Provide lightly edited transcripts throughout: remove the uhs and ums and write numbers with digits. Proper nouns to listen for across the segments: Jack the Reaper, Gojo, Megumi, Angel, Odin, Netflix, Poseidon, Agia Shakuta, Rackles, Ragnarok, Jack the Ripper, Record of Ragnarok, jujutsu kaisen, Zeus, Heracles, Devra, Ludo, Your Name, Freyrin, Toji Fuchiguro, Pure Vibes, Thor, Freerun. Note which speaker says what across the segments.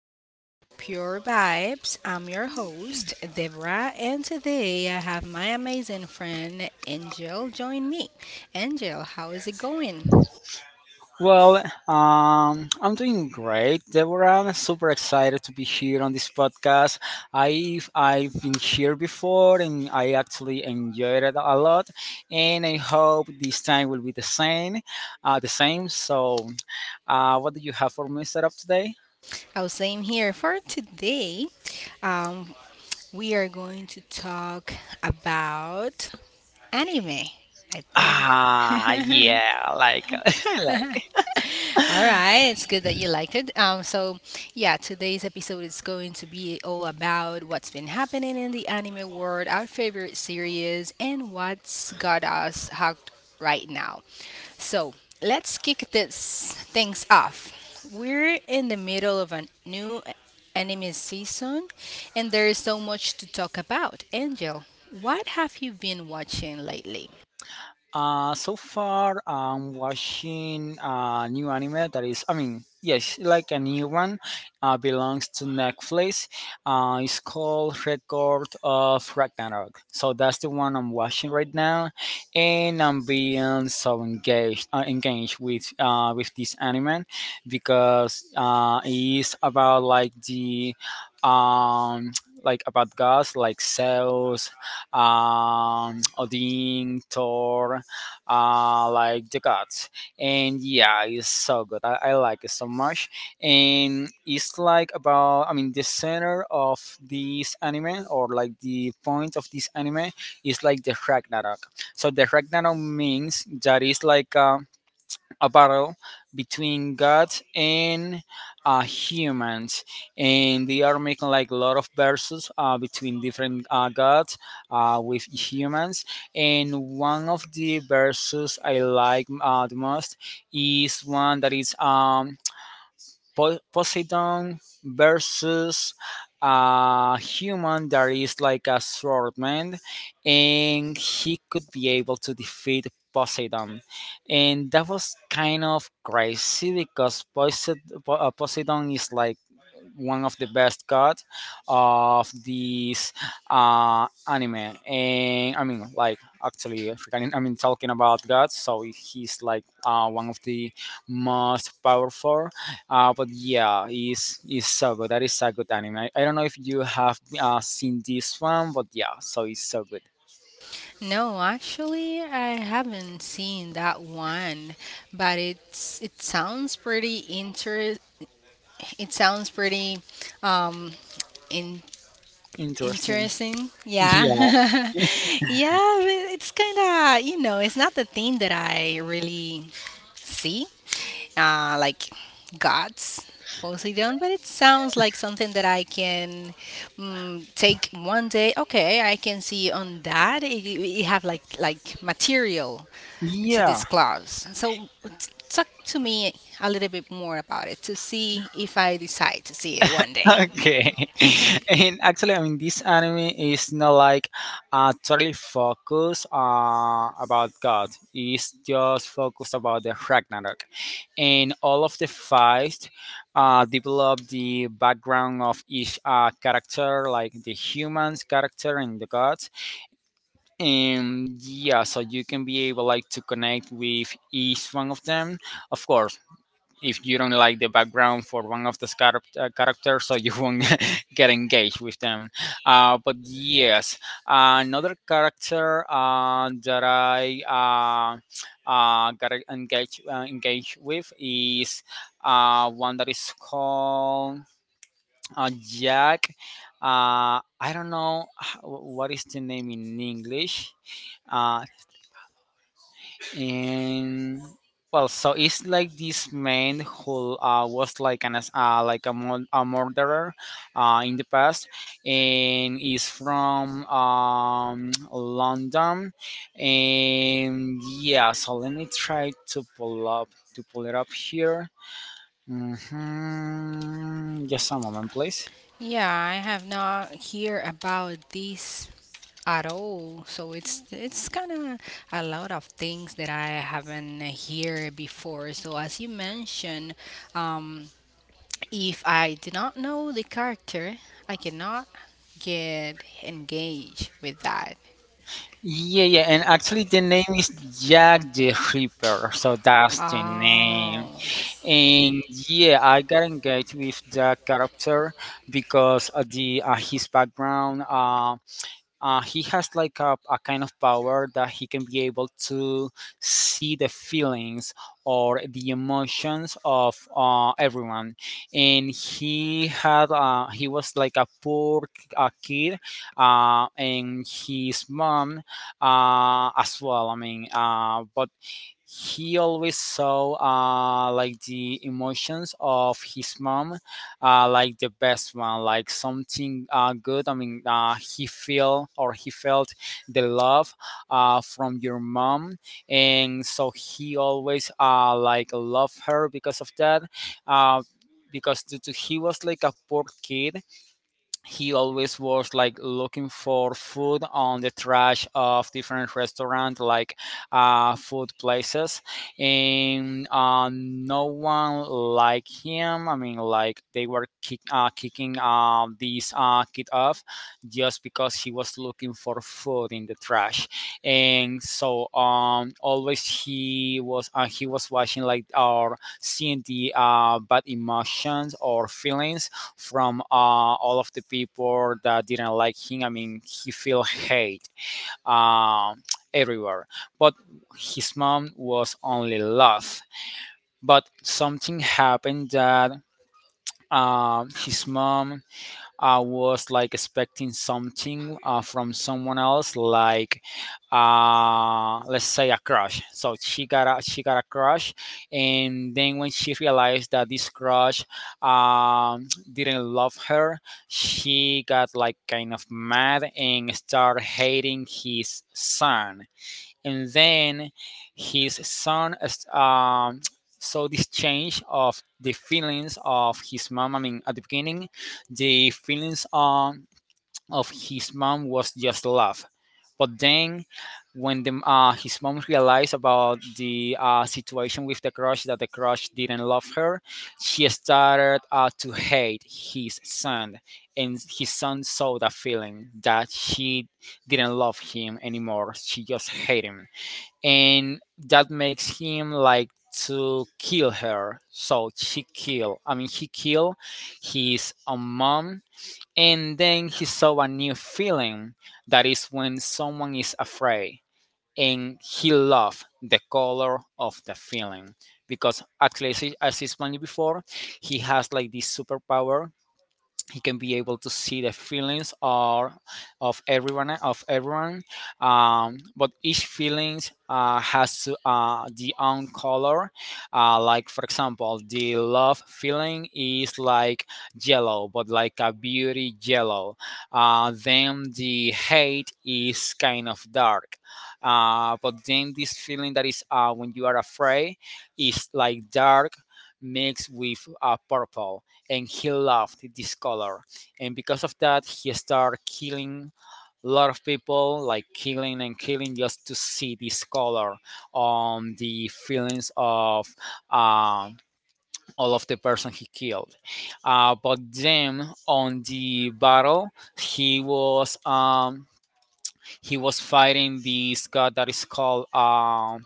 Speaker 1: welcome back to Pure Vibes. I'm your host, Devra, and today I have my amazing friend Angel join me. Angel, how is it going?
Speaker 2: Um, I'm doing great, Deborah. I'm super excited to be here on this podcast. I've been here before, and I actually enjoyed it a lot. And I hope this time will be the same, the same. So, what do you have for me set up today?
Speaker 1: Oh, same here. For today, um, we are going to talk about anime. I think
Speaker 2: Ah, yeah, like I like
Speaker 1: all right, it's good that you liked it. So yeah, today's episode is going to be all about what's been happening in the anime world, our favorite series, and what's got us hooked right now. So let's kick this things off. We're in the middle of a new anime season, and there is so much to talk about. Angel, what have you been watching lately?
Speaker 2: So far, I'm watching a new anime that is, I mean, yes, like a new one. Belongs to Netflix. It's called Record of Ragnarok. So that's the one I'm watching right now, and I'm being so engaged, with this anime because it's about like the um like about gods like Zeus, Odin, Thor, like the gods, and yeah, it's so good. I like it so much, and it's like about, I mean, the center of this anime, or like the point of this anime, is like the ragnarok. So the ragnarok means that it's like a battle between gods and humans, and they are making like a lot of verses between different gods with humans, and one of the verses I like the most is one that is Poseidon versus a human that is like a swordman, and he could be able to defeat Poseidon. And that was kind of crazy because Poseidon is like one of the best gods of this anime. And I mean, like, actually, I mean, talking about gods, so he's like one of the most powerful, but yeah, it's so good. That is so good anime. I don't know if you have seen this one, but yeah, so it's so good.
Speaker 1: No, actually, I haven't seen that one, but it sounds pretty inter, it sounds pretty um in,
Speaker 2: Interesting.
Speaker 1: interesting.
Speaker 2: Yeah.
Speaker 1: Yeah. Yeah, but it's kind of, it's not the thing that I really see. Like gods, Poseidon, but it sounds like something that I can, mm, take one day. Okay, I can see on that it have like material to
Speaker 2: Yeah.
Speaker 1: this clause. So talk to me a little bit more about it to see if I decide to see it one day.
Speaker 2: Okay. And actually, I mean, this anime is not like totally focused about God. It's just focused about the Ragnarok, and all of the fights develop the background of each character, like the humans character and the gods. And yeah, so you can be able like to connect with each one of them. Of course, if you don't like the background for one of the characters, so you won't get engaged with them, but yes, another character that I got engaged with is one that is called Jack. I don't know what is the name in English. Uh, and well, so it's like this man who was like an like a, a murderer in the past, and is from London. And yeah, so let me try to pull up, to pull it up here. Just a moment, please.
Speaker 1: Yeah, I have not hear about this at all. So it's kind of a lot of things that I haven't hear before. So as you mentioned, um, if I do not know the character, I cannot get engaged with that.
Speaker 2: Yeah, yeah, and actually the name is Jack the Ripper, so that's the
Speaker 1: Oh,
Speaker 2: name. And yeah, I got engaged with that character because the his background. He has like a kind of power that he can be able to see the feelings or the emotions of everyone. And he was like a poor kid, and his mom as well. I mean, but he always saw like the emotions of his mom like the best one, like something good. I mean, he feel, or he felt, the love from your mom, and so he always like love her because of that. uh, because due to he was like a poor kid, he always was like looking for food on the trash of different restaurant, like food places, and no one liked him. I mean, like they were kicking this kid off, just because he was looking for food in the trash. And so always he was, he was watching like, or seeing the bad emotions or feelings from all of the people that didn't like him. I mean, he feel hate uh, everywhere. But his mom was only love. But something happened that his mom, I was like expecting something from someone else, like let's say a crush. So she got a crush, and then when she realized that this crush didn't love her, she got like kind of mad and started hating his son. And then his son saw this change of the feelings of his mom. I mean, at the beginning, the feelings of his mom was just love, but then when his mom realized about the situation with the crush, that the crush didn't love her, she started to hate his son, and his son saw that feeling, that she didn't love him anymore, she just hated him. And that makes him like to kill her. So she kill, I mean he kill his own mom. And then he saw a new feeling, that is when someone is afraid, and he loved the color of the feeling. Because at least as explained before, he has like this superpower, he can be able to see the feelings or of everyone. But each feelings has the own color, like for example the love feeling is like yellow, but like a beauty yellow. Then the hate is kind of dark. But then this feeling that is when you are afraid is like dark mixed with purple, and he loved this color. And because of that, he started killing a lot of people, like killing and killing, just to see this color on the feelings of uh, all of the person he killed. But then on the battle, he was um, he was fighting this god that is called. Um,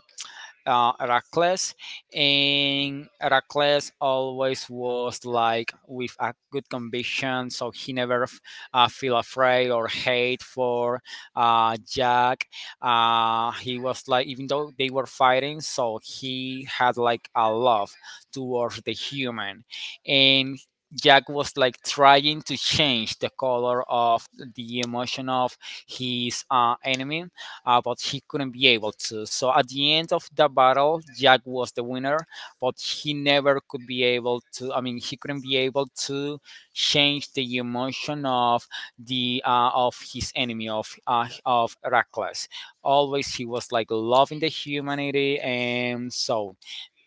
Speaker 2: uh, Rackles, and Rackles always was like with a good conviction, so he never feel afraid or hate for Jack. He was like, even though they were fighting, so he had like a love towards the human, and Jack was like trying to change the color of the emotion of his enemy, but he couldn't be able to. So at the end of the battle, Jack was the winner, but he never could be able to. I mean, he couldn't be able to change the emotion of the of his enemy, of Heracles. Always he was like loving the humanity, and so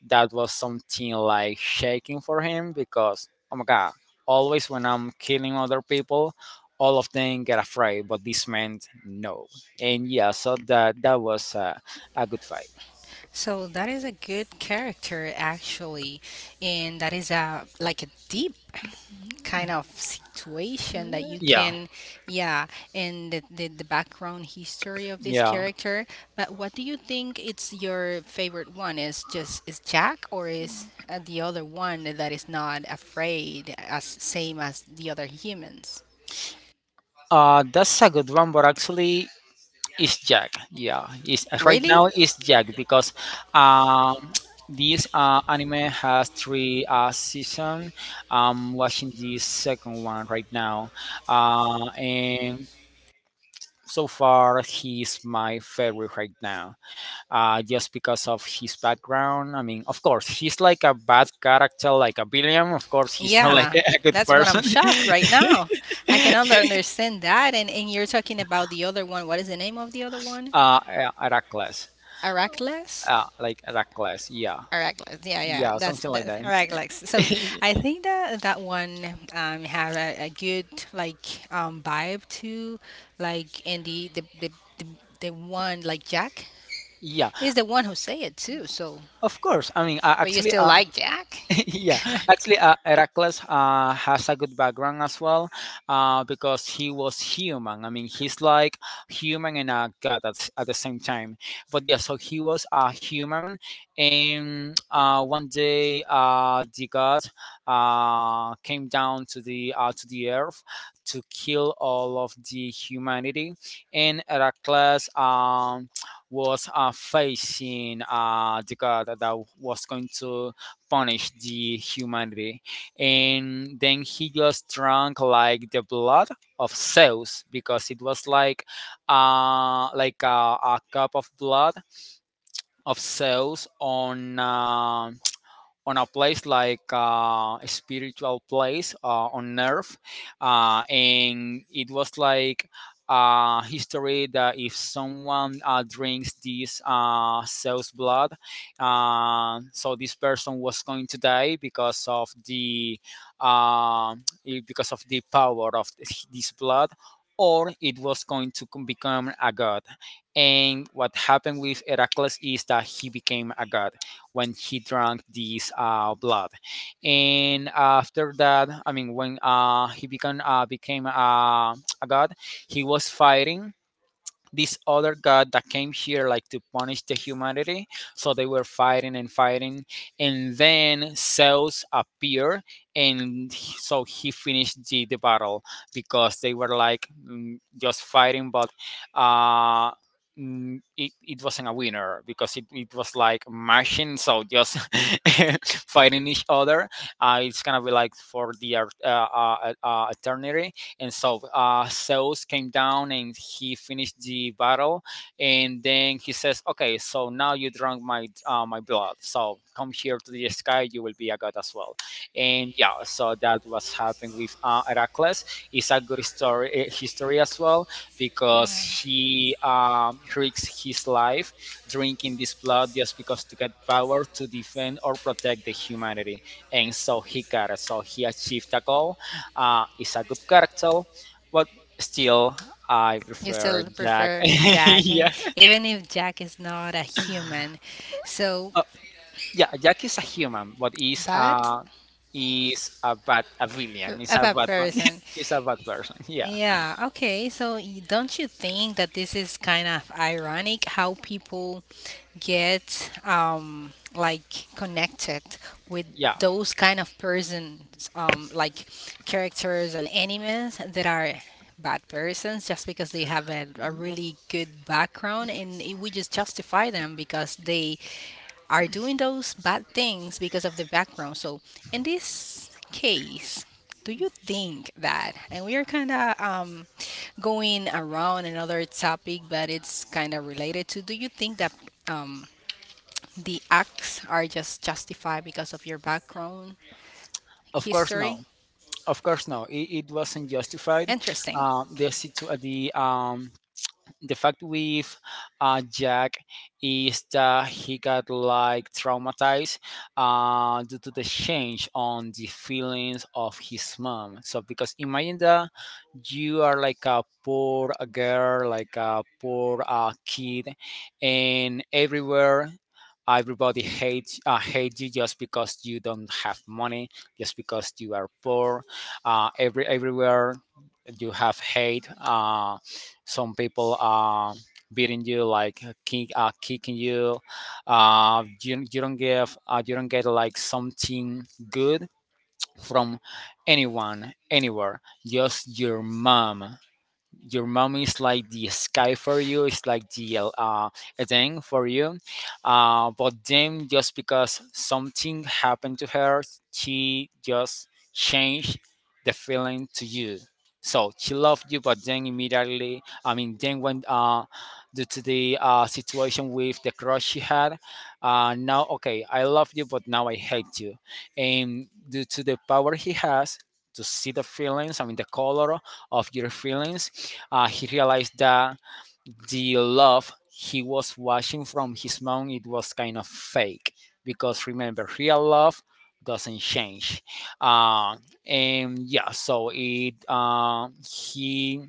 Speaker 2: that was something like shaking for him, because oh my god, always when I'm killing other people, all of them get afraid, but this meant no. And yeah, so that, that was a good fight.
Speaker 1: so that is a good character actually, and that is a like a deep kind of situation that you
Speaker 2: Yeah,
Speaker 1: can, yeah, and the background history of this
Speaker 2: yeah.
Speaker 1: character. But what do you think it's your favorite one? Is just is Jack or is the other one that is not afraid as same as the other humans?
Speaker 2: That's a good one, but actually it's Jack. Yeah, it's right
Speaker 1: Really?
Speaker 2: now it's Jack because um this anime has three season. I'm watching the second one right now, and so far he's my favorite right now, just because of his background. I mean, of course he's like a bad character, like a billion, of course he's not like
Speaker 1: Yeah,
Speaker 2: a good
Speaker 1: that's what I'm
Speaker 2: person.
Speaker 1: shocked right now. I can understand that. And you're talking about the other one. What is the name of the other one?
Speaker 2: uh Heracles.
Speaker 1: Aracles?
Speaker 2: Like Heracles, yeah.
Speaker 1: Aracles. Yeah, yeah.
Speaker 2: Yeah,
Speaker 1: That's
Speaker 2: something like
Speaker 1: that,
Speaker 2: that.
Speaker 1: Aracles. So I think that that one have a good like vibe too. Like and the the one like Jack
Speaker 2: Yeah,
Speaker 1: is the one who say it too. So,
Speaker 2: of course. I mean
Speaker 1: but you
Speaker 2: actually
Speaker 1: still like Jack?
Speaker 2: yeah, actually, Heracles has a good background as well, because he was human. I mean, he's like human and a god at, at the same time. But yeah, so he was a human, and one day the god came down to the earth to kill all of the humanity, and Heracles was facing the god that was going to punish the humanity. And then he just drank like the blood of Zeus, because it was like a cup of blood of Zeus on a place, like a spiritual place on earth. And it was like history that if someone drinks this cell's blood, so this person was going to die because of the because of the power of this blood, or it was going to become a god. And what happened with Heracles is that he became a god when he drank this blood. And after that, I mean, when he became a god, he was fighting this other god that came here like to punish the humanity, so they were fighting and fighting, and then Zeus appeared and so he finished the battle because they were like just fighting. But uh it wasn't a winner because it was like mashing, so just fighting each other. It's gonna be like for the eternity. And so Zeus came down and he finished the battle, and then he says, "Okay, so now you drank my my blood, so come here to the sky, you will be a god as well." And yeah, so that was happening with Heracles. It's a good story, history as well, because he risks his life drinking this blood just because to get power to defend or protect the humanity, and so he got it. So he achieved a goal. Is a good character, but still, I
Speaker 1: You
Speaker 2: prefer
Speaker 1: still
Speaker 2: Jack.
Speaker 1: prefer Jack,
Speaker 2: Yeah.
Speaker 1: even if Jack is not a human. So,
Speaker 2: uh, yeah. Jack is a human, but
Speaker 1: but
Speaker 2: is a bad a villain. Is
Speaker 1: a
Speaker 2: a
Speaker 1: bad
Speaker 2: bad one.
Speaker 1: person.
Speaker 2: Is a bad person. Yeah,
Speaker 1: Yeah, okay. So y- don't you think that this is kind of ironic how people get like connected with
Speaker 2: yeah.
Speaker 1: those kind of persons like characters and animes that are bad persons just because they have a really good background and we just justify them because they are doing those bad things because of the background. So in this case, do you think that, and we are kind of going around another topic, but it's kind of related to, do you think that um, the acts are just justified because of your background
Speaker 2: Of course,
Speaker 1: history?
Speaker 2: no. Of course, no. It wasn't justified.
Speaker 1: Interesting.
Speaker 2: The the fact with Jack is that he got like traumatized due to the change on the feelings of his mom. So because imagine that you are like a poor girl, like a poor kid, and everywhere everybody hate you just because you don't have money, just because you are poor. Everywhere you have hate. Some people beating you like kicking you. You, you don't give You don't get like something good from anyone anywhere, just your mom. Your mom is like the sky for you, it's like the thing for you. But then just because something happened to her, she just changed the feeling to you. So she loved you, but then immediately I mean then when due to the situation with the crush she had, now okay, I love you, but now I hate you. And due to the power he has to see the feelings, I mean the color of your feelings, he realized that the love he was watching from his mom, it was kind of fake, because remember, real love doesn't change. uh, and yeah, so it he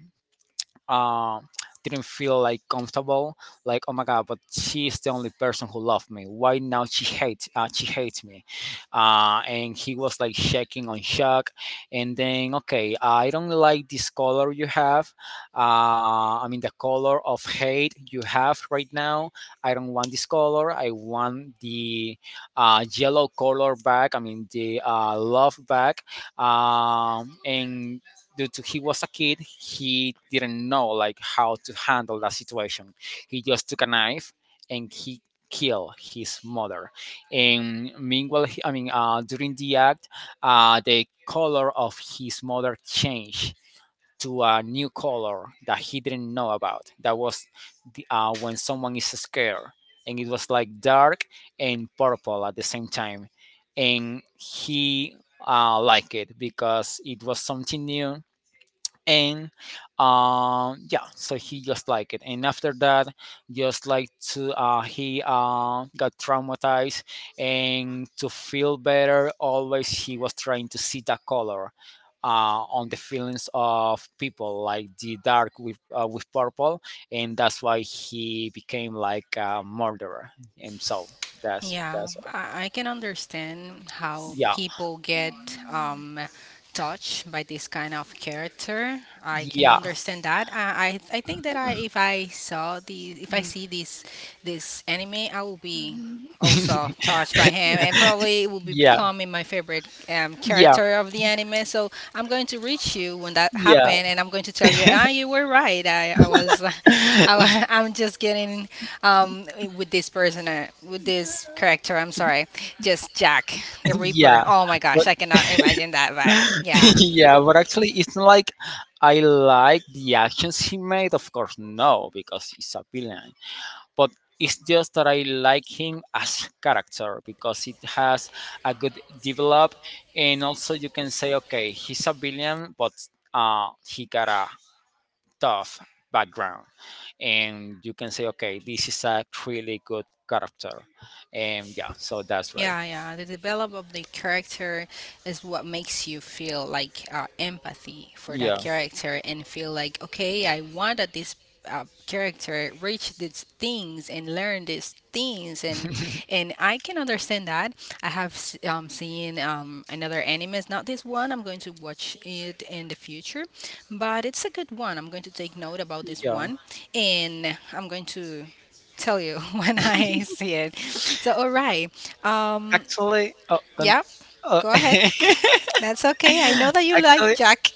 Speaker 2: uh, didn't feel like comfortable, like oh my god, but she's the only person who loved me, why now she hates me. And he was like shaking on shock. And then okay, I don't like this color you have, I mean the color of hate you have right now. I don't want this color, I want the yellow color back, I mean the love back. And due to he was a kid, he didn't know like how to handle that situation. He just took a knife and he killed his mother. And meanwhile, I mean, during the act, the color of his mother changed to a new color that he didn't know about. That was the, when someone is scared, and it was like dark and purple at the same time. And he liked it because it was something new. And yeah, so he just liked it. And after that, just like to he got traumatized, and to feel better, always he was trying to see that color on the feelings of people, like the dark with purple. And that's why he became like a murderer. And so that's
Speaker 1: Yeah,
Speaker 2: that's
Speaker 1: I can understand how
Speaker 2: yeah.
Speaker 1: people get touched by this kind of character. I can
Speaker 2: Yeah.
Speaker 1: understand that. I think that I, if I saw the, if I see this, this anime, I will be also touched by him, and probably it will be become
Speaker 2: Yeah,
Speaker 1: becoming my favorite
Speaker 2: yeah,
Speaker 1: character of the anime. So I'm going to reach you when that
Speaker 2: yeah.
Speaker 1: happened, and I'm going to tell you, ah, you were right. I was, I'm just getting um, with this person, with this character. I'm sorry, just Jack the Reaper.
Speaker 2: Yeah.
Speaker 1: Oh my gosh, I cannot imagine that. But yeah.
Speaker 2: Yeah, but actually, it's not like I like the actions he made. Of course, no, because he's a villain. But it's just that I like him as character because it has a good develop. And also you can say, okay, he's a villain, but he got a tough background, and you can say, okay, this is a really good character. And yeah, so that's why.
Speaker 1: Yeah, yeah. The develop of the character is what makes you feel like empathy for that
Speaker 2: Yeah,
Speaker 1: character and feel like, okay, I want that this character reach these things and learn these things and I can understand that. I have seen another anime. It's not this one. I'm going to watch it in the future, but it's a good one. I'm going to take note about this
Speaker 2: yeah.
Speaker 1: one and I'm going to tell you when I see it. So, all right. Um,
Speaker 2: Actually, oh,
Speaker 1: yeah,
Speaker 2: oh.
Speaker 1: go ahead. That's okay. I know that you like
Speaker 2: Actually,
Speaker 1: Jack.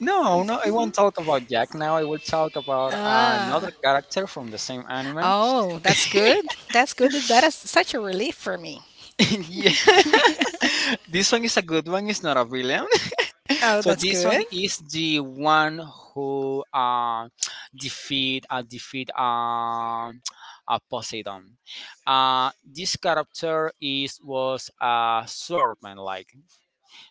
Speaker 2: no, no, I won't talk about Jack now. I will talk about another
Speaker 1: Ah,
Speaker 2: character from the same anime.
Speaker 1: oh, that's good. That's good. That is such a relief for me.
Speaker 2: Yeah. This one is a good one, it's not a villain.
Speaker 1: Oh,
Speaker 2: So
Speaker 1: that's
Speaker 2: this
Speaker 1: good.
Speaker 2: one is the one who defeat Poseidon. This character is was a swordman like.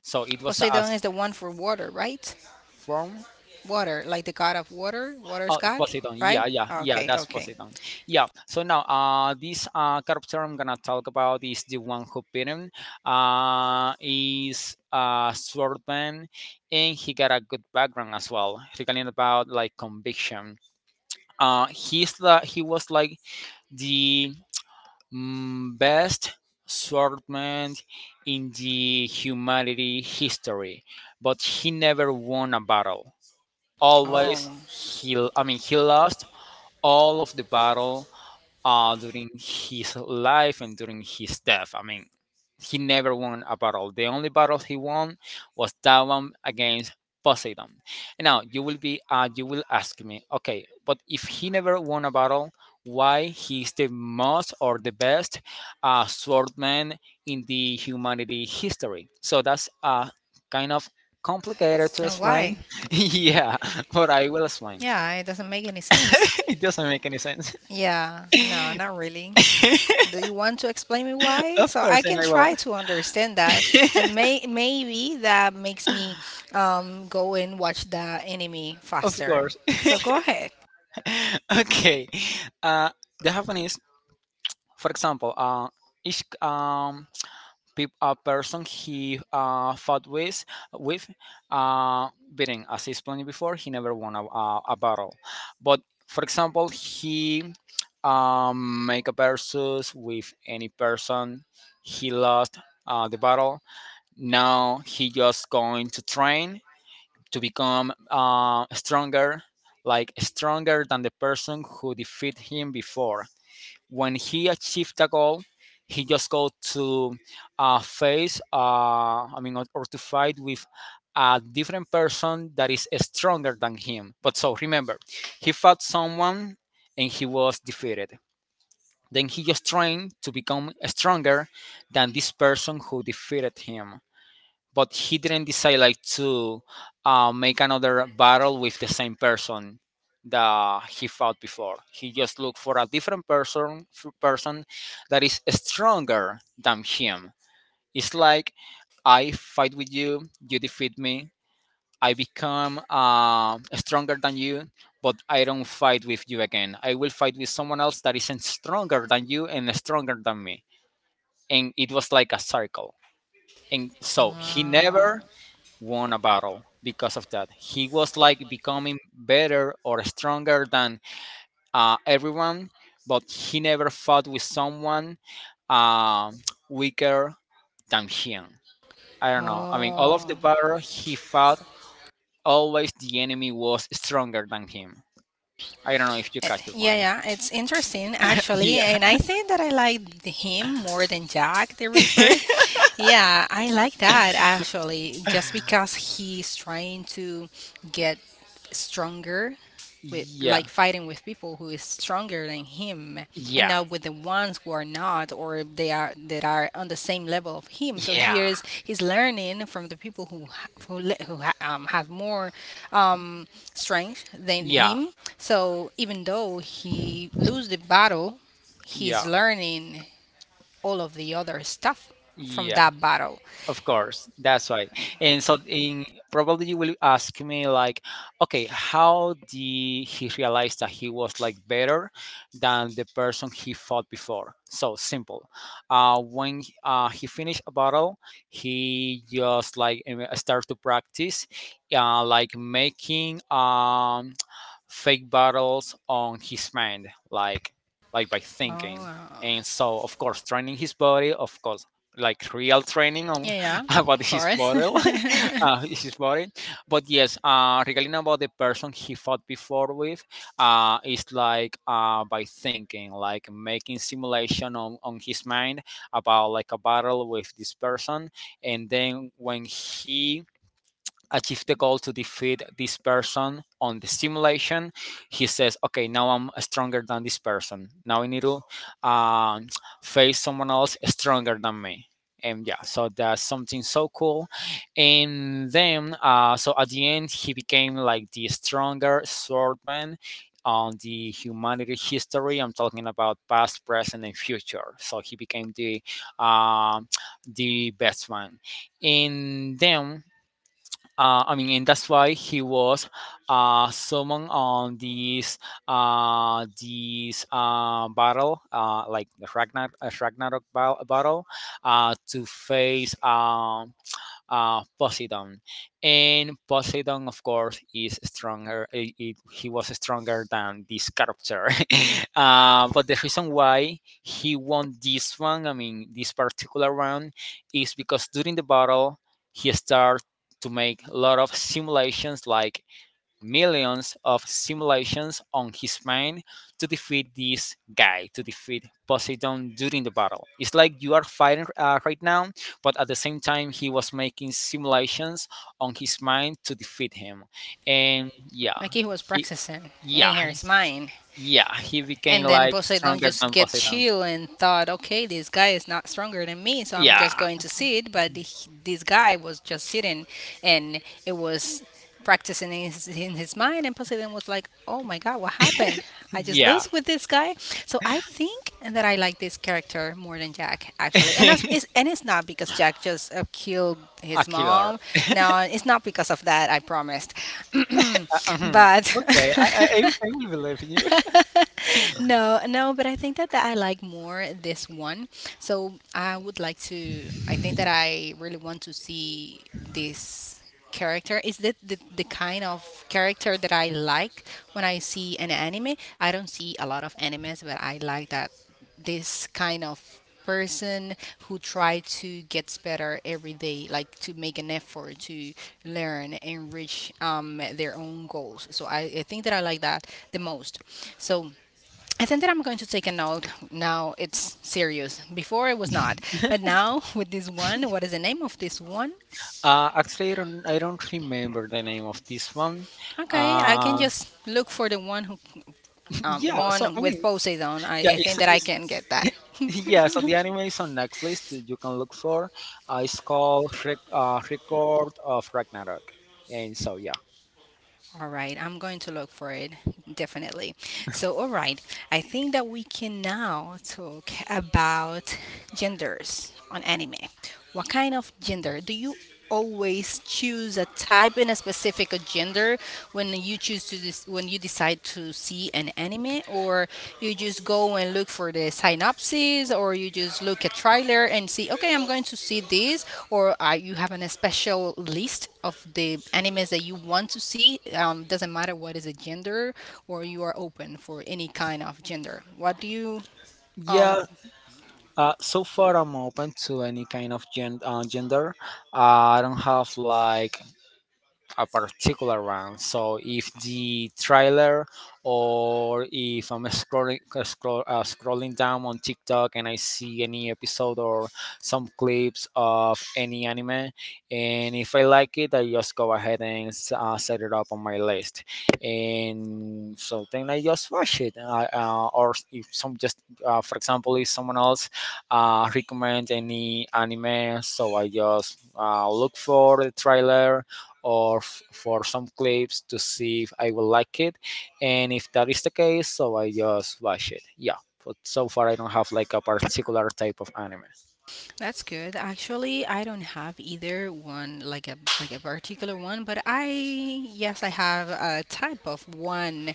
Speaker 2: So it was a
Speaker 1: Poseidon is the one for water, right?
Speaker 2: form.
Speaker 1: Water, like the god of water, water's
Speaker 2: Oh,
Speaker 1: god,
Speaker 2: Poseidon.
Speaker 1: right?
Speaker 2: Yeah, yeah, yeah.
Speaker 1: Okay,
Speaker 2: That's
Speaker 1: okay.
Speaker 2: Poseidon. Yeah. So now, this character I'm gonna talk about is the one who beat him. Is a swordman, and he got a good background as well, regarding about like conviction. He was like the best swordman in the humanity history, but he never won a battle. Always
Speaker 1: Oh,
Speaker 2: he, I mean, he lost all of the battle during his life and during his death. I mean, he never won a battle. The only battle he won was that one against Poseidon. Now you will ask me, okay, but if he never won a battle, why he's the most or the best swordman in the humanity history? So that's kind of complicated to
Speaker 1: and
Speaker 2: explain.
Speaker 1: why?
Speaker 2: Yeah, but I will explain.
Speaker 1: Yeah, it doesn't make any sense.
Speaker 2: It doesn't make any sense.
Speaker 1: Yeah, no, not really. Do you want to explain me why?
Speaker 2: Of
Speaker 1: So I
Speaker 2: course, and
Speaker 1: can
Speaker 2: I will.
Speaker 1: try to understand that, and may maybe that makes me go and watch the enemy
Speaker 2: Of
Speaker 1: faster.
Speaker 2: course.
Speaker 1: So go ahead.
Speaker 2: Okay. Uh, the happen is, for example, each peop a person he fought with uh beating as explained before, he never won a battle. But for example, he make a versus with any person, he lost the battle. Now he just going to train to become stronger, like stronger than the person who defeated him before. When he achieved a goal, he just go to I mean, or to fight with a different person that is stronger than him. But so remember, he fought someone and he was defeated. Then he just trained to become stronger than this person who defeated him, but he didn't decide like to make another battle with the same person that he fought before. He just looked for a different person that is stronger than him. It's like I fight with you, you defeat me. I become stronger than you, but I don't fight with you again. I will fight with someone else that isn't stronger than you and stronger than me. And it was like a circle. And so he
Speaker 1: Uh,
Speaker 2: never won a battle because of that. He was like becoming better or stronger than everyone, but he never fought with someone uh, weaker than him. I don't know. I mean, all of the
Speaker 1: oh,
Speaker 2: battle he fought, always the enemy was stronger than him. I don't know if you
Speaker 1: Eh,
Speaker 2: catch the
Speaker 1: yeah,
Speaker 2: point.
Speaker 1: yeah, it's interesting actually,
Speaker 2: Yeah.
Speaker 1: and I think that I like him more than Jack the Ripper. Yeah, I like that actually, just because he's trying to get stronger with like
Speaker 2: Yeah.
Speaker 1: fighting with people who is stronger than him and
Speaker 2: Yeah.
Speaker 1: now with the ones who are not or they are that are on the same level of him, so
Speaker 2: Yeah.
Speaker 1: here's he's learning from the people who have more um, strength than
Speaker 2: Yeah.
Speaker 1: him, so even though he lose the battle,
Speaker 2: Yeah.
Speaker 1: he's learning all of the other stuff from
Speaker 2: Yeah.
Speaker 1: that battle.
Speaker 2: Of course, that's why. And so, in probably you will ask me like, okay, how did he realize that he was like better than the person he fought before? So simple. When he finished a battle, he just like start to practice, like making fake battles on his mind, like by
Speaker 1: Oh
Speaker 2: thinking.
Speaker 1: wow.
Speaker 2: And so, of course, training his body, of course, like real training on
Speaker 1: Yeah, yeah,
Speaker 2: about
Speaker 1: of
Speaker 2: his
Speaker 1: course.
Speaker 2: model, his body. But yes, regarding about the person he fought before with, it's like by thinking, like making simulation on his mind about like a battle with this person. And then when he achieve the goal to defeat this person on the simulation, he says okay, now I'm stronger than this person, now I need to um, face someone else stronger than me. And yeah, so that's something so cool. And then so at the end he became like the stronger swordman on the humanity history. I'm talking about past, present and future, so he became um the best one. And then I mean, and that's why he was summoned on this battle, like the Ragnarok battle, to face, Poseidon. And Poseidon, of course, is stronger. He was stronger than this character. But the reason why he won this one, I mean this particular one, is because during the battle he started to make a lot of simulations, like millions of simulations on his mind, to defeat this guy, to defeat Poseidon during the battle. It's like you are fighting right now, but at the same time, he was making simulations on his mind to defeat him. And yeah,
Speaker 1: Like he was
Speaker 2: he,
Speaker 1: practicing and
Speaker 2: yeah,
Speaker 1: here's mine.
Speaker 2: yeah, he became
Speaker 1: And then
Speaker 2: like
Speaker 1: Poseidon
Speaker 2: stronger
Speaker 1: just
Speaker 2: than
Speaker 1: get
Speaker 2: Poseidon.
Speaker 1: chill and thought, okay, this guy is not stronger than me, so I'm
Speaker 2: Yeah,
Speaker 1: just going to sit. But this guy was just sitting, and it was practicing in in his mind. And Poseidon was like, oh my god, what happened? I just
Speaker 2: yeah,
Speaker 1: lose with this guy. So I think that I like this character more than Jack actually, and that's, it's and it's not because Jack just killed
Speaker 2: a
Speaker 1: his
Speaker 2: killer.
Speaker 1: mom. No, it's not because of that. I promised,
Speaker 2: Mhm.
Speaker 1: but.
Speaker 2: Okay, I will believe in you.
Speaker 1: No, no, but I think that, that I like more this one. So I would like to. I think that I really want to see this character. Is that the kind of character that I like when I see an anime? I don't see a lot of animes, but I like that this kind of person who try to gets better every day like to make an effort to learn and reach their own goals, so I think that I like that the most. So I think that I'm going to take a note now, it's serious, before it was not, but now with this one, what is the name of this one?
Speaker 2: Actually, I don't remember the name of this one.
Speaker 1: Okay, I can
Speaker 2: Uh,
Speaker 1: just look for the one who
Speaker 2: yeah, so
Speaker 1: one
Speaker 2: I
Speaker 1: with
Speaker 2: mean,
Speaker 1: poseidon,
Speaker 2: yeah,
Speaker 1: I think that I
Speaker 2: it's
Speaker 1: can get that.
Speaker 2: yeah. So the anime is on Netflix. That You can look for. It's called Record of Ragnarok, and so yeah.
Speaker 1: All right, I'm going to look for it definitely. So, all right, I think that we can now talk about genders on anime. What kind of gender do you always choose, a type in a specific gender, when you choose to when you decide to see an anime, or you just go and look for the synopsis, or you just look at trailer and see, okay, I'm going to see this, or you have an, a special list of the animes that you want to see. Doesn't matter what is the gender, or you are open for any kind of gender. What do you? Um,
Speaker 2: Yeah, so far I'm open to any kind of gender. I don't have like a particular one. So if the trailer or if I'm scrolling down on TikTok and I see any episode or some clips of any anime, and if I like it, I just go ahead and set it up on my list, and so then I just watch it. Or if some just for example, if someone else recommend any anime, so I just look for the trailer or for some clips to see if I will like it. And if that is the case, so I just watch it. Yeah. But so far, I don't have like a particular type of anime.
Speaker 1: That's good. Actually, I don't have either one like a particular one, but I yes, I have a type of one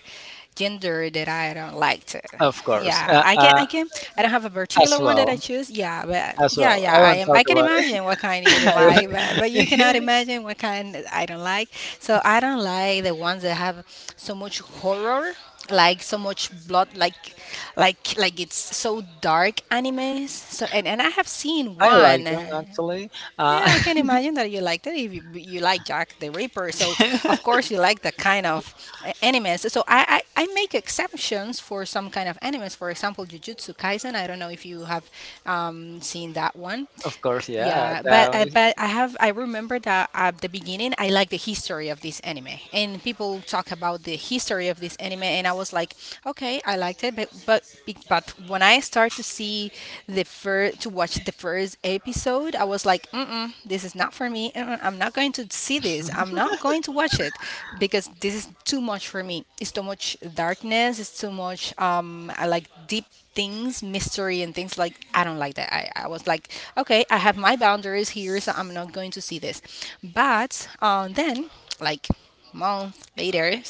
Speaker 1: gender that I don't like to.
Speaker 2: Of course,
Speaker 1: Yeah, I can I can I don't have a particular
Speaker 2: as
Speaker 1: one that I
Speaker 2: well,
Speaker 1: choose. Yeah, but
Speaker 2: as
Speaker 1: yeah,
Speaker 2: well.
Speaker 1: yeah,
Speaker 2: I
Speaker 1: I
Speaker 2: won't
Speaker 1: am
Speaker 2: talk
Speaker 1: I can
Speaker 2: about
Speaker 1: imagine
Speaker 2: it.
Speaker 1: what kind you don't
Speaker 2: I
Speaker 1: like, but you cannot
Speaker 2: won't-
Speaker 1: imagine what kind I don't like. So I don't like the ones that have so much horror, like so much blood, like it's so dark animes, so and I have seen
Speaker 2: I like
Speaker 1: one.
Speaker 2: them actually. Uh,
Speaker 1: Yeah, I can imagine that you like that if you, you like jack the ripper, so of course you like that kind of animes. So I, I make exceptions for some kind of animes, for example jujutsu kaisen, I don't know if you have seen that one.
Speaker 2: of course, yeah.
Speaker 1: Yeah,
Speaker 2: That
Speaker 1: but
Speaker 2: was
Speaker 1: I have, I remember that at the beginning I like the history of this anime, and people talk about the history of this anime, and I was like, okay, I liked it, but but when I start to see the first to watch the first episode, I was like, mm, this is not for me. Uh-uh, I'm not going to see this. I'm not going to watch it because this is too much for me. It's too much darkness. It's too much I like deep things, mystery and things like I don't like that. I was like, okay, I have my boundaries here, so I'm not going to see this. But then, like month later,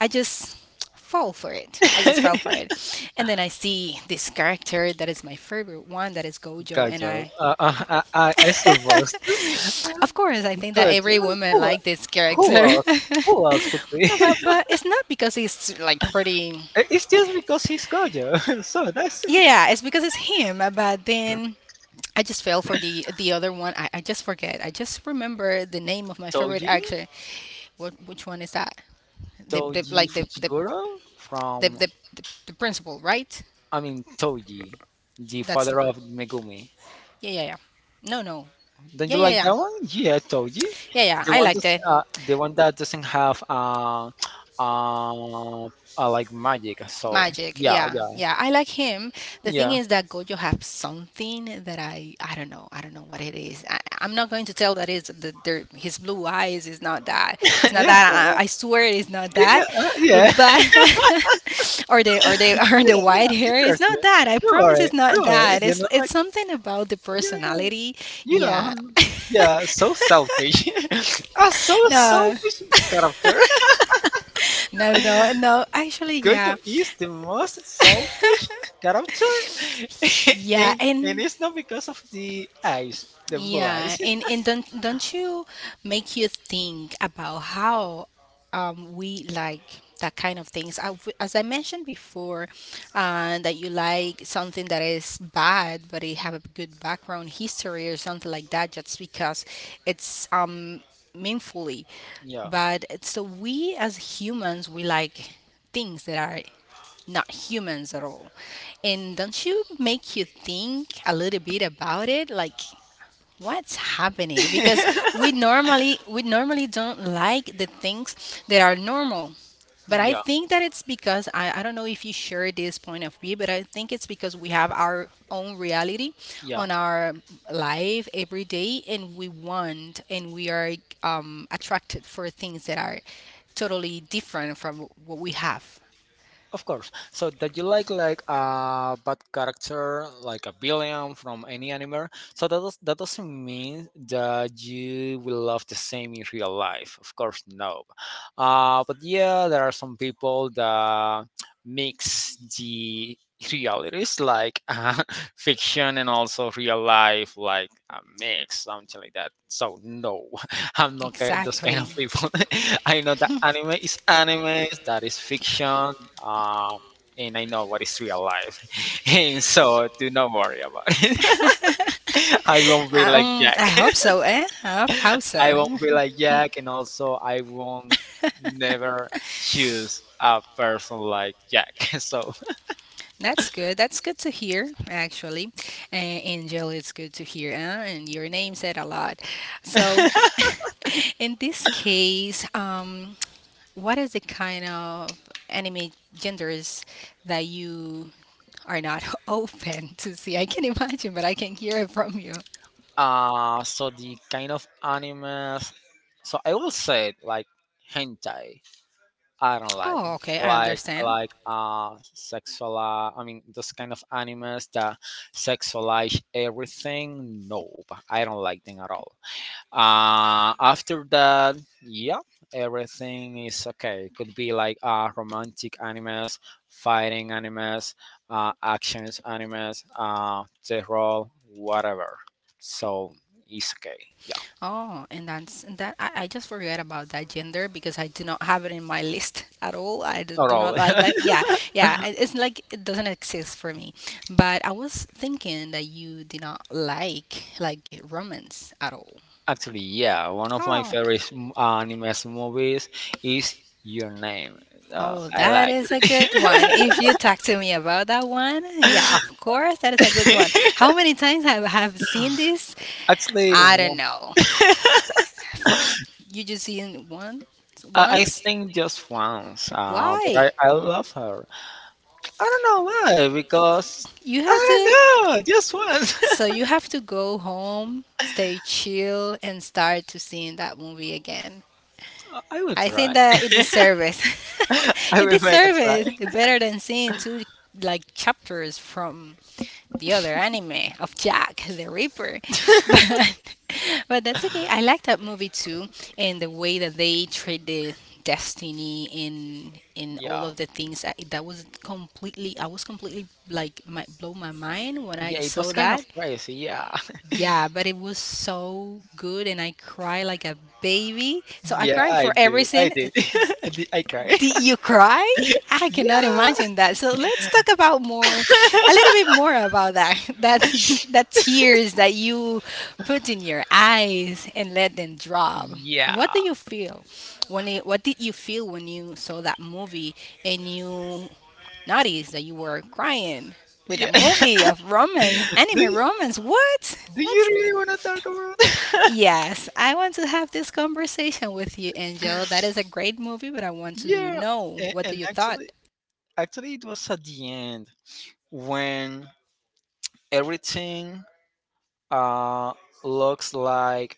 Speaker 1: I just fall for it. I just fell for it. And then I see this character that is my favorite one, that is Gojo, and
Speaker 2: Gojo.
Speaker 1: I
Speaker 2: I suppose.
Speaker 1: of course, I think that
Speaker 2: Gojo.
Speaker 1: every woman
Speaker 2: Who,
Speaker 1: like this
Speaker 2: who
Speaker 1: character.
Speaker 2: else? Who else could be?
Speaker 1: No, but it's not because he's like pretty,
Speaker 2: It's just because he's Gojo. So that's it.
Speaker 1: yeah, yeah, it's because it's him. But then I just fell for the other one. I just forget. I just remember the name of my favorite
Speaker 2: Toji,
Speaker 1: actor. What, which one is that? The
Speaker 2: Toji
Speaker 1: like the the,
Speaker 2: Fuchiguro
Speaker 1: the
Speaker 2: from,
Speaker 1: the the principal, right?
Speaker 2: I mean, Toji, the
Speaker 1: That's the
Speaker 2: father
Speaker 1: pro-
Speaker 2: of Megumi.
Speaker 1: yeah, yeah, yeah. No, no.
Speaker 2: Don't
Speaker 1: Yeah,
Speaker 2: you
Speaker 1: yeah,
Speaker 2: like
Speaker 1: yeah.
Speaker 2: that one? Yeah, Toji.
Speaker 1: Yeah, yeah.
Speaker 2: The
Speaker 1: I
Speaker 2: one, that,
Speaker 1: liked it.
Speaker 2: the one that doesn't have uh, like magic. So
Speaker 1: Magic,
Speaker 2: yeah,
Speaker 1: yeah,
Speaker 2: yeah,
Speaker 1: yeah. I like him. The thing
Speaker 2: yeah,
Speaker 1: is that Gojo have something that I don't know. I don't know what it is. I'm not going to tell that it's the his blue eyes is not that. It's not
Speaker 2: yeah,
Speaker 1: that. I swear it's not
Speaker 2: yeah,
Speaker 1: that.
Speaker 2: yeah,
Speaker 1: But or the or the or the white
Speaker 2: yeah.
Speaker 1: hair. It's not
Speaker 2: Interesting.
Speaker 1: that. I
Speaker 2: Don't
Speaker 1: promise
Speaker 2: worry,
Speaker 1: it's not
Speaker 2: don't worry.
Speaker 1: that.
Speaker 2: Then
Speaker 1: It's
Speaker 2: I'm
Speaker 1: it's
Speaker 2: like,
Speaker 1: something about the
Speaker 2: yeah,
Speaker 1: personality.
Speaker 2: yeah.
Speaker 1: Yeah.
Speaker 2: Yeah, so selfish. A so
Speaker 1: no,
Speaker 2: selfish character.
Speaker 1: no Actually,
Speaker 2: Gojo
Speaker 1: yeah,
Speaker 2: is the most selfish character,
Speaker 1: yeah,
Speaker 2: and
Speaker 1: and.
Speaker 2: it's not because of the eyes, the blue
Speaker 1: Yeah,
Speaker 2: eyes.
Speaker 1: and don't you make you think about how we like that kind of things. I, as I mentioned before, that you like something that is bad, but it have a good background history or something like that, just because it's meaningfully.
Speaker 2: Yeah.
Speaker 1: But it's- so we as humans, we like things that are not humans at all. And don't you make you think a little bit about it? Like, what's happening because we normally don't like the things that are normal, but I
Speaker 2: Yeah,
Speaker 1: think that it's because I don't know if you share this point of view, but I think it's because we have our own reality
Speaker 2: yeah.
Speaker 1: on our life every day, and we want and we are attracted for things that are totally different from what we have.
Speaker 2: Of course. So that you like a bad character, like a villain from any anime. So that does, that doesn't mean that you will love the same in real life. Of course, no. But yeah, there are some people that mix the realities. Like fiction and also real life, like a mix, something like that. So no, I'm not ki- those kind
Speaker 1: Exactly.
Speaker 2: of people. I know that anime is anime, that is fiction, um, and I know what is real life. And so do not worry about it. I won't be like
Speaker 1: Um,
Speaker 2: Jack.
Speaker 1: I hope so eh I hope, hope
Speaker 2: I
Speaker 1: so
Speaker 2: won't be like Jack, and also I won't never choose a person like Jack. So
Speaker 1: That's good. That's good to hear, actually. And Angel, it's good to hear, huh? And your name said a lot. So, in this case, what is the kind of anime genders that you are not open to see? I can imagine, but I can hear it from you.
Speaker 2: so the kind of animes, so I will say it, like hentai. I don't like
Speaker 1: Oh,
Speaker 2: it.
Speaker 1: okay. I
Speaker 2: Like
Speaker 1: understand.
Speaker 2: like sexual, I mean those kind of animes that sexualize everything. No, I don't like them at all. After that, yeah, everything is okay. It could be like romantic animes, fighting animes, actions animes, terror, whatever. So it's okay. Yeah,
Speaker 1: Oh, and that's and that I just forget about that gender because I do not have it in my list at all. I do,
Speaker 2: not
Speaker 1: do not
Speaker 2: all.
Speaker 1: like like, yeah, yeah. It's like it doesn't exist for me. But I was thinking that you do not like like romance at all.
Speaker 2: Actually, yeah, one of my
Speaker 1: Oh,
Speaker 2: favorite animes movies is Your Name.
Speaker 1: oh,
Speaker 2: I
Speaker 1: that
Speaker 2: like
Speaker 1: is a good one.
Speaker 2: it.
Speaker 1: If you talk to me about that one, yeah, of course, that is a good one. How many times have seen this?
Speaker 2: Actually,
Speaker 1: I don't
Speaker 2: one-
Speaker 1: know. For, you just seen one
Speaker 2: I
Speaker 1: once.
Speaker 2: think just once, but
Speaker 1: Why?
Speaker 2: I love her. I don't know why, because
Speaker 1: You have
Speaker 2: I
Speaker 1: to,
Speaker 2: don't know, just once.
Speaker 1: so you have to go home, stay chill, and start to seeing that movie again.
Speaker 2: I will
Speaker 1: I think
Speaker 2: try.
Speaker 1: that it deserves it.
Speaker 2: I
Speaker 1: It
Speaker 2: will make a
Speaker 1: deserves
Speaker 2: try.
Speaker 1: it better than seeing two like chapters from the other anime of Jack the Ripper. But that's okay. I like that movie too, and the way that they treat the destiny in all
Speaker 2: Yeah.
Speaker 1: of the things that, that was completely, I was completely like my, blow my mind when I
Speaker 2: Yeah, it was
Speaker 1: saw
Speaker 2: kind of
Speaker 1: that.
Speaker 2: crazy. Yeah.
Speaker 1: Yeah, but it was so good, and I cried like a baby. So I
Speaker 2: Yeah,
Speaker 1: cried for
Speaker 2: I did. I
Speaker 1: everything.
Speaker 2: did. I did. I cried.
Speaker 1: Did you cry? I cannot
Speaker 2: Yeah.
Speaker 1: imagine that. So let's talk about more, a little bit more about that. That, that tears that you put in your eyes and let them drop. What do
Speaker 2: Yeah.
Speaker 1: you feel when it, what did you feel when you saw that movie and you noticed that you were crying with a
Speaker 2: Yeah.
Speaker 1: movie of romance,
Speaker 2: Do
Speaker 1: anime
Speaker 2: you,
Speaker 1: romance? What?
Speaker 2: do you
Speaker 1: Let's,
Speaker 2: really want to talk about?
Speaker 1: yes, I want to have this conversation with you, Angel. That is a great movie, but I want to
Speaker 2: Yeah.
Speaker 1: know
Speaker 2: And,
Speaker 1: what do
Speaker 2: and
Speaker 1: you thought.
Speaker 2: actually it was at the end when everything uh looks like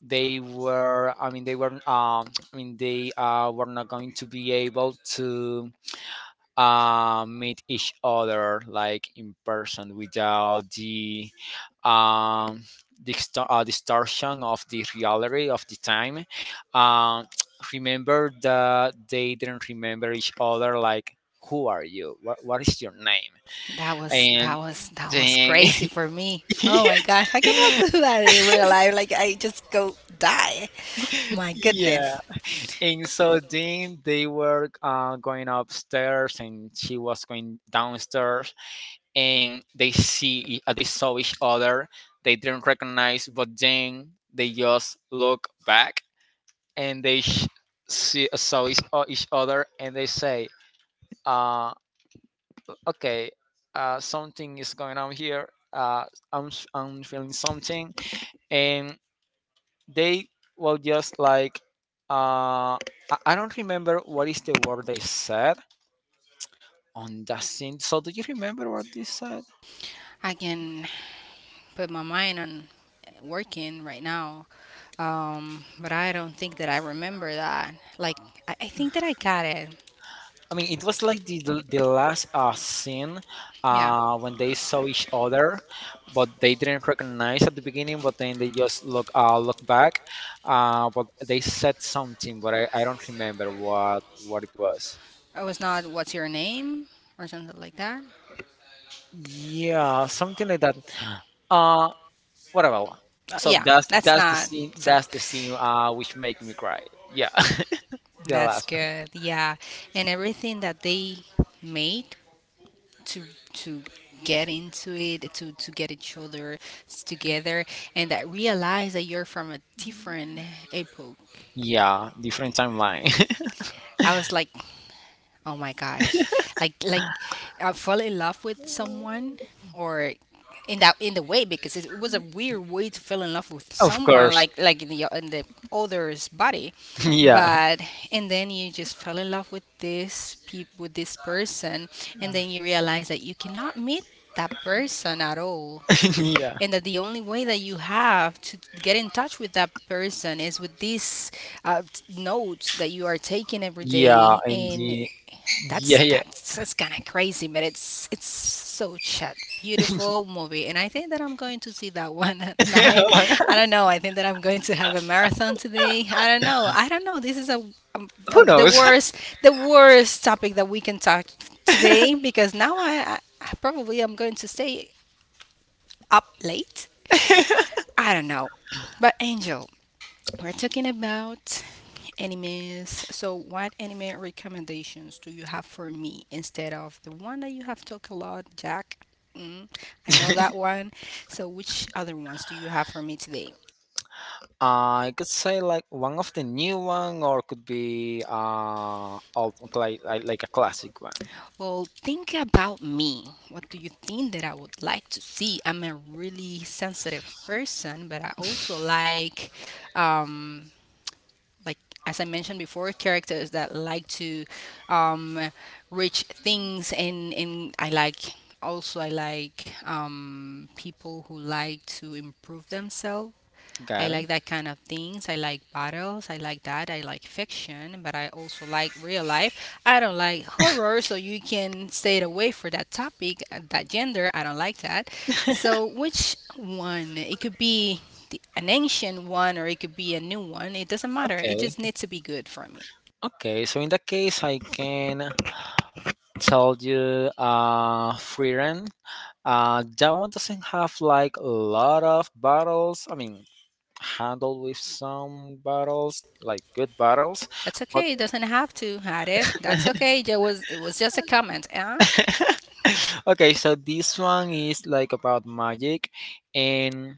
Speaker 2: they were they were not going to be able to meet each other like in person, without the um distortion of the reality of the time, um remember that they didn't remember each other, like, who are you, what is your name?
Speaker 1: That was
Speaker 2: And
Speaker 1: that was
Speaker 2: then
Speaker 1: crazy for me. Oh my gosh, I cannot do that in real life. Like I just go die. My
Speaker 2: yeah.
Speaker 1: goodness.
Speaker 2: And so then they were going upstairs and she was going downstairs, and they saw each other. They didn't recognize, but then they just look back, and they sh- see saw each other, and they say, uh, "Okay, something is going on here. I'm feeling something," and they will just like. Uh, I don't remember what is the word they said on that scene. So do you remember what this said?
Speaker 1: I can put my mind on working right now. But I don't think that I remember that. Like, I think that I got it.
Speaker 2: I mean, it was like the last scene
Speaker 1: Yeah.
Speaker 2: when they saw each other, but they didn't recognize at the beginning. But then they just look back. But they said something, but I don't remember what it was.
Speaker 1: I was not, what's your name or something like that.
Speaker 2: Yeah, something like that. Uh, whatever. So
Speaker 1: Yeah,
Speaker 2: that's
Speaker 1: that's
Speaker 2: that's the
Speaker 1: not.
Speaker 2: scene.
Speaker 1: So
Speaker 2: That's the scene. Which make me cry. Yeah. The
Speaker 1: that's
Speaker 2: last one.
Speaker 1: good. Yeah, and everything that they made to to get into it, to get each other s- together, and that realize that you're from a different epoch.
Speaker 2: Yeah, different timeline.
Speaker 1: I was like, oh my gosh. Like I fell in love with someone or in that in the way, because it was a weird way to fall in love with
Speaker 2: Of
Speaker 1: someone
Speaker 2: course.
Speaker 1: like in the other's body.
Speaker 2: Yeah.
Speaker 1: But and then you just fell in love with this peop with this person, and then you realize that you cannot meet that person at all,
Speaker 2: Yeah.
Speaker 1: and that the only way that you have to get in touch with that person is with these t- notes that you are taking every
Speaker 2: Yeah,
Speaker 1: day,
Speaker 2: and
Speaker 1: and
Speaker 2: the yeah,
Speaker 1: that's
Speaker 2: yeah.
Speaker 1: that's that's kind of crazy, but it's so chat beautiful movie, and I think that I'm going to see that one at night. I don't know, I think that I'm going to have a marathon today. I don't know, I don't know. This is um, a
Speaker 2: Who
Speaker 1: the
Speaker 2: knows?
Speaker 1: worst, the worst topic that we can talk today, because now I probably am going to stay up late. I don't know. But Angel, we're talking about animes. So what anime recommendations do you have for me instead of the one that you have talked a lot, Jack? Mm, I know that one. So which other ones do you have for me today?
Speaker 2: I could say like one of the new one, or could be old, like a classic one.
Speaker 1: Well, think about me. What do you think that I would like to see? I'm a really sensitive person, but I also like um, like, as I mentioned before, characters that like to um, reach things, and I like, also I like people who like to improve themselves. I
Speaker 2: Got it?
Speaker 1: like that kind of things. I like battles. I like that. I like fiction, but I also like real life. I don't like horror, so you can stay away for that topic, that gender. I don't like that. So which one? It could be the, an ancient one, or it could be a new one. It doesn't matter. It
Speaker 2: Okay,
Speaker 1: just needs to be good for me.
Speaker 2: okay. So in that case, I can tell you Freerun. That one doesn't have like a lot of battles. I mean, handled with some battles, like good battles.
Speaker 1: That's
Speaker 2: But
Speaker 1: okay. It doesn't have to, have it? That's okay. It was just a comment, huh?
Speaker 2: okay, so this one is like about magic, and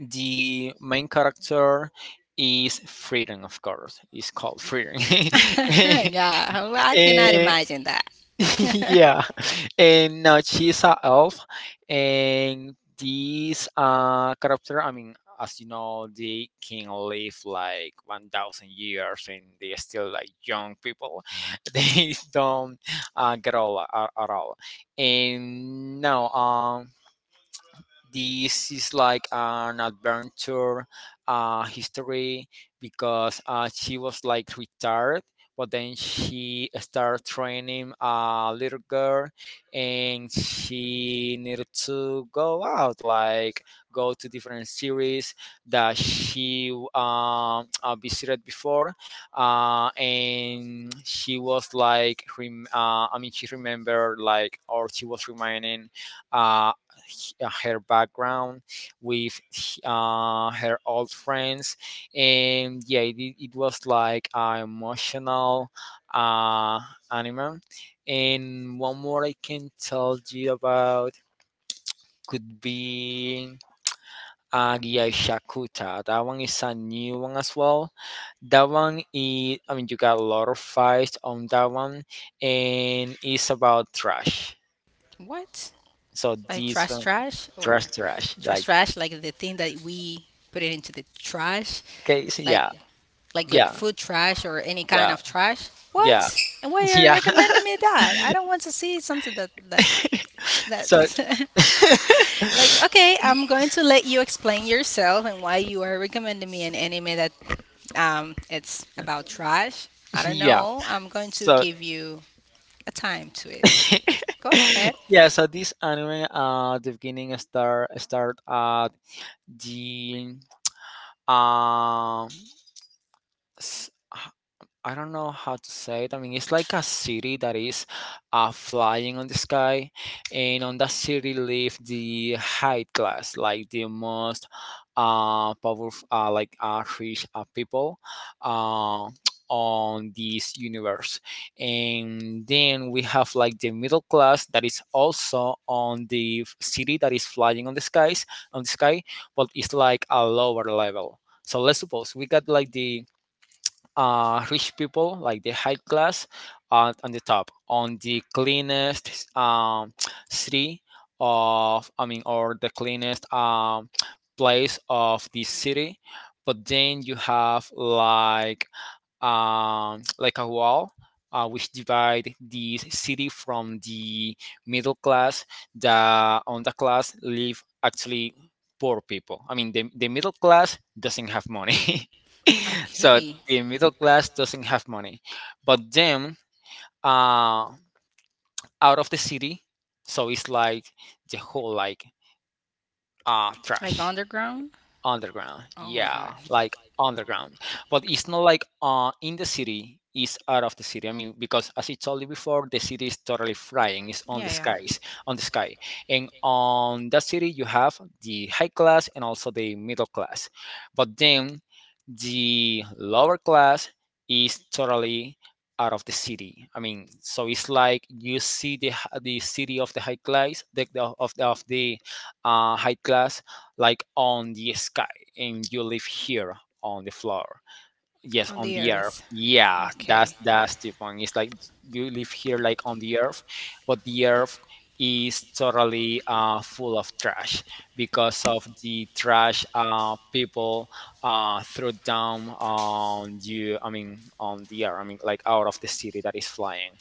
Speaker 2: the main character is Freedom, of course. It's called Freedom.
Speaker 1: Yeah, I cannot
Speaker 2: Eh,
Speaker 1: imagine that.
Speaker 2: yeah, and now she's a elf, and these character, I mean, as you know, they can live like 1000 years and they're still like young people, they don't get old at all. And now this is like an adventure history, because she was like retired, but then she started training a little girl, and she needed to go out, like go to different series that she visited before, and she was like she remembered, like, or she was reminding, uh, her background with her old friends. And yeah, it was like an emotional uh, anime. And one more I can tell you about could be Agia Shakuta. That one is a new one as well. That one is, I mean, you got a lot of fights on that one, and it's about trash.
Speaker 1: What?
Speaker 2: So
Speaker 1: Like
Speaker 2: this
Speaker 1: trash,
Speaker 2: one,
Speaker 1: trash, or
Speaker 2: trash, trash.
Speaker 1: trash,
Speaker 2: Like,
Speaker 1: trash, like the thing that we put it into the trash,
Speaker 2: okay, so
Speaker 1: like
Speaker 2: yeah,
Speaker 1: like
Speaker 2: yeah.
Speaker 1: food trash or any kind
Speaker 2: Yeah,
Speaker 1: of trash.
Speaker 2: yeah,
Speaker 1: What? And why are you
Speaker 2: yeah.
Speaker 1: recommending me that? I don't want to see something that that
Speaker 2: So,
Speaker 1: that. Like, okay, I'm going to let you explain yourself and why you are recommending me an anime that it's about trash. I don't
Speaker 2: yeah.
Speaker 1: know. I'm going to
Speaker 2: So,
Speaker 1: give you a time to it. Go ahead.
Speaker 2: yeah. So this anime, the beginning start at the, um I don't know how to say it. I mean, it's like a city that is flying on the sky, and on that city live the high class, like the most powerful, like rich people, uh, on this universe. And then we have like the middle class that is also on the city that is flying on the skies, on the sky, but it's like a lower level. So let's suppose we got like the rich people, like the high class, on the top, on the cleanest city of, I mean, or the cleanest place of the city. But then you have like like a wall, which divide the city from the middle class. The on the class live actually poor people. I mean, the middle class doesn't have money. So
Speaker 1: Okay.
Speaker 2: the middle class doesn't have money, but them, uh, out of the city, so it's like the whole, like,
Speaker 1: Like
Speaker 2: trash,
Speaker 1: underground?
Speaker 2: underground.
Speaker 1: Oh my
Speaker 2: Yeah,
Speaker 1: gosh.
Speaker 2: like underground, but it's not like in the city. It's out of the city. I mean, because as I told you before, the city is totally flying. It's on
Speaker 1: Yeah,
Speaker 2: the
Speaker 1: yeah.
Speaker 2: skies, on the sky, and on that city you have the high class and also the middle class. But then the lower class is totally out of the city. I mean, so it's like you see the the city of the high class, the- of the of the high class, like on the sky, and you live here on the floor. Yes,
Speaker 1: On
Speaker 2: on
Speaker 1: the
Speaker 2: the earth,
Speaker 1: earth.
Speaker 2: yeah, that's
Speaker 1: Okay.
Speaker 2: that's the point. It's like you live here like on the earth, but the earth is totally full of trash, because of the trash, people threw down on you, I mean, on the earth, I mean, like, out of the city that is flying.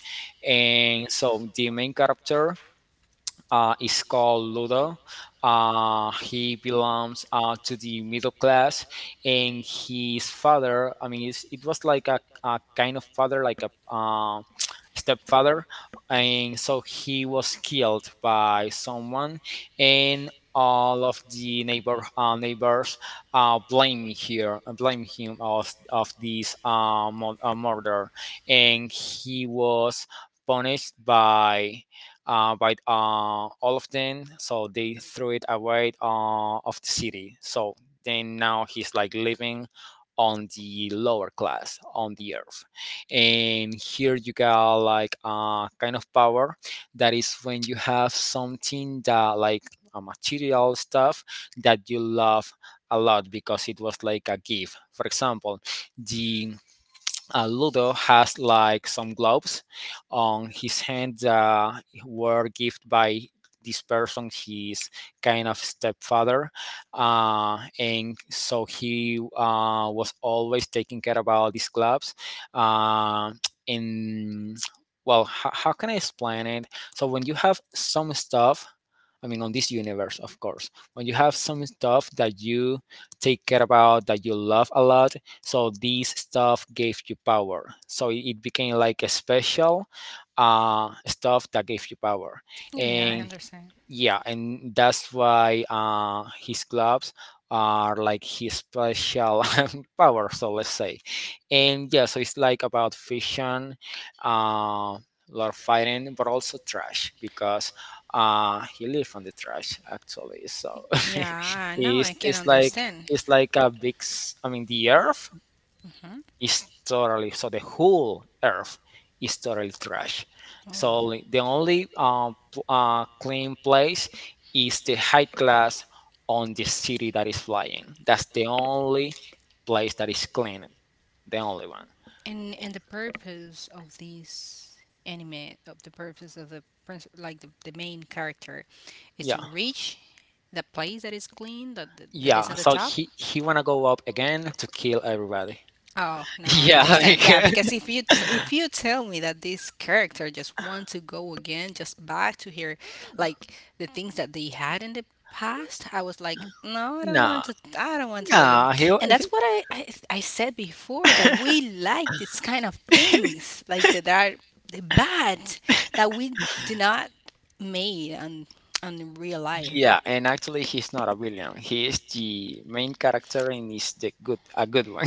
Speaker 2: And so the main character, is called Ludo. He belongs, to the middle class, and his father, I mean, it was like a kind of father, like a, stepfather, and so he was killed by someone, and all of the neighbors blame him of this murder, and he was punished by, all of them. So they threw it away, of the city. So then now he's like living on the lower class on the earth, and here you got like a kind of power, that is when you have something that, like, a material stuff that you love a lot, because it was like a gift. For example, the Ludo has like some gloves on his hand, were gifted by this person, his kind of stepfather, and so he, was always taking care about these gloves. Uh, and well, how can I explain it? So when you have some stuff, I mean, on this universe, of course. When you have some stuff that you take care about, that you love a lot, so this stuff gave you power. So it became like a special, stuff that gave you power.
Speaker 1: Yeah, yeah, I
Speaker 2: And
Speaker 1: understand.
Speaker 2: yeah, and that's why, his gloves are like his special power, so let's say. And yeah, so it's like about fiction, uh, lot of fighting, but also trash because, he lives on the trash, actually. So
Speaker 1: Yeah, now
Speaker 2: it's
Speaker 1: I can
Speaker 2: it's like
Speaker 1: understand.
Speaker 2: it's like a big, I mean, the Earth
Speaker 1: Huh?
Speaker 2: is totally, so the whole earth is totally trash,
Speaker 1: Oh.
Speaker 2: so the only, clean place is the high class on the city that is flying. That's the only place that is clean, the only one.
Speaker 1: And the purpose of this anime, of the purpose of the principal, like the main character, is to
Speaker 2: Yeah,
Speaker 1: reach the place that is clean, that that is
Speaker 2: yeah,
Speaker 1: at the
Speaker 2: so
Speaker 1: top.
Speaker 2: he wanna go up again to kill everybody.
Speaker 1: Oh, now I
Speaker 2: Yeah,
Speaker 1: understand. Yeah,
Speaker 2: like,
Speaker 1: because if you t- if you tell me that this character just want to go again, just back to here like the things that they had in the past, I was like, no, I don't
Speaker 2: nah,
Speaker 1: want to, I don't want to,
Speaker 2: nah, he
Speaker 1: and that's what I said before, that we like this kind of things like that are bad, that we do not made on real life.
Speaker 2: Yeah, and actually, he's not a villain. He is the main character, and is the good a good one.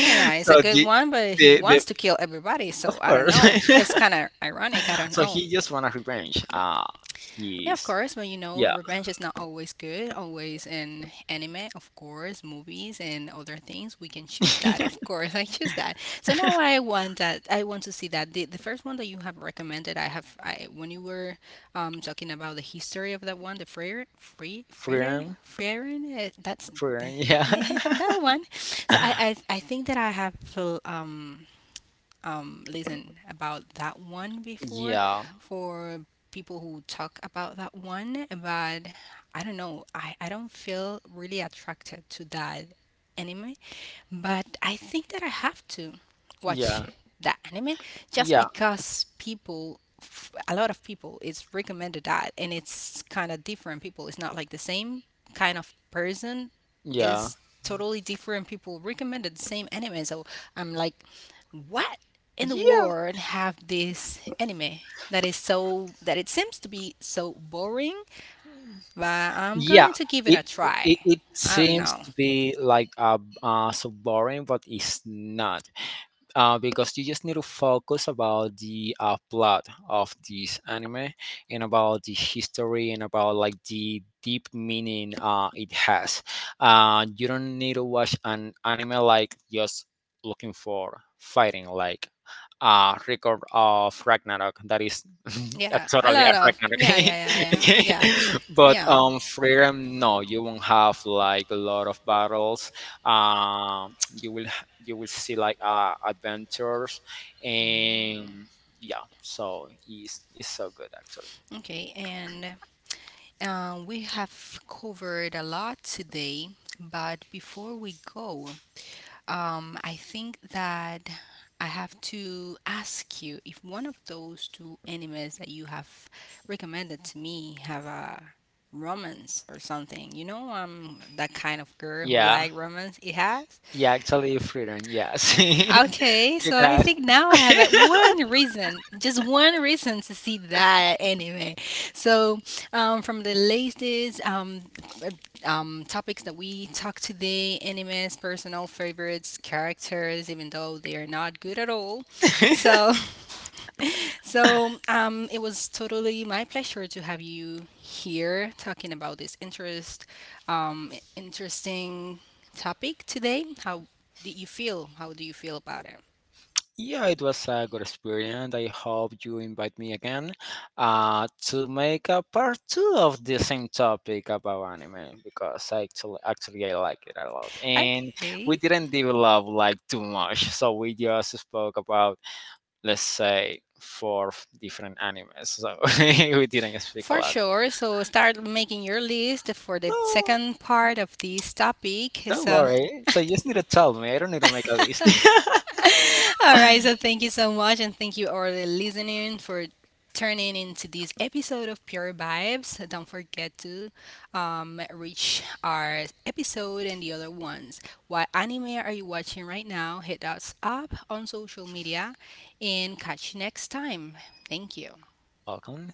Speaker 1: Yeah, yeah, it's a good one, but he
Speaker 2: the
Speaker 1: wants
Speaker 2: of
Speaker 1: to kill everybody, so I don't
Speaker 2: course.
Speaker 1: know. It's kind of ironic. I don't
Speaker 2: So
Speaker 1: know.
Speaker 2: he just wanna revenge. Uh
Speaker 1: Yeah, of
Speaker 2: he's
Speaker 1: course. But you know,
Speaker 2: yeah.
Speaker 1: revenge is not always good. Always in anime, of course, movies and other things. We can choose that, of course. I choose that. So now I want that. I want to see that. The first one that you have recommended, I have. I when you were talking about the history of that one, the Freyr, Free, Freyr,
Speaker 2: Freedom,
Speaker 1: Freyrin. That's
Speaker 2: freedom.
Speaker 1: the,
Speaker 2: Yeah,
Speaker 1: that one. So I, I I think that I have feel, listen about that one before,
Speaker 2: yeah,
Speaker 1: for people who talk about that one, but I don't know. I don't feel really attracted to that anime, but I think that I have to watch
Speaker 2: yeah,
Speaker 1: that anime just
Speaker 2: yeah,
Speaker 1: because people f- a lot of people it's recommended that, and it's kind of different people, it's not like the same kind of person,
Speaker 2: yeah.
Speaker 1: is totally different. People recommended the same anime, so I'm like, what in the
Speaker 2: Yeah,
Speaker 1: world have this anime that is so, that it seems to be so boring? But I'm
Speaker 2: yeah,
Speaker 1: going to give it
Speaker 2: it
Speaker 1: a try.
Speaker 2: it
Speaker 1: I don't
Speaker 2: seems
Speaker 1: know.
Speaker 2: to be like a, so boring, but it's not, because you just need to focus about the, plot of this anime and about the history and about like the deep meaning, it has. You don't need to watch an anime like just looking for fighting, like, Record of Ragnarok. That is a
Speaker 1: Yeah, a
Speaker 2: totally a
Speaker 1: lot of yeah,
Speaker 2: Ragnarok.
Speaker 1: yeah, yeah, yeah, yeah,
Speaker 2: but
Speaker 1: yeah.
Speaker 2: um, Freedom, no, you won't have like a lot of battles. Um, you will you will see like, adventures,
Speaker 1: Mm,
Speaker 2: and yeah, so it's so good, actually.
Speaker 1: okay, and we have covered a lot today, but before we go, I think that I have to ask you if one of those two animes that you have recommended to me have a romance or something. You know, I'm that kind of girl who
Speaker 2: Yeah,
Speaker 1: like romance. It has.
Speaker 2: yeah, actually Freedom, yes. It
Speaker 1: Okay, so I
Speaker 2: does.
Speaker 1: think now I have one reason, just one reason to see that anime. So, from the latest uh, topics that we talked today, animes, personal favorites, characters, even though they are not good at all. So, so it was totally my pleasure to have you here talking about this interest, interesting topic today. How did you feel? How do you feel about it?
Speaker 2: Yeah, it was a good experience. I hope you invite me again, to make a part 2 of the same topic about anime, because I actually I like it a lot, and we
Speaker 1: Okay,
Speaker 2: didn't develop like too much, so we just spoke about, let's say, four different animes, so we didn't speak a
Speaker 1: for
Speaker 2: lot.
Speaker 1: sure. So start making your list for the
Speaker 2: No,
Speaker 1: second part of this topic.
Speaker 2: don't
Speaker 1: So,
Speaker 2: worry, so you just need to tell me, I don't need to make a list.
Speaker 1: all right. So thank you so much, and thank you all the listening for turning into this episode of Pure Vibes. Don't forget to reach our episode and the other ones. What anime are you watching right now? Hit us up on social media, and catch you next time. Thank you.
Speaker 2: Welcome.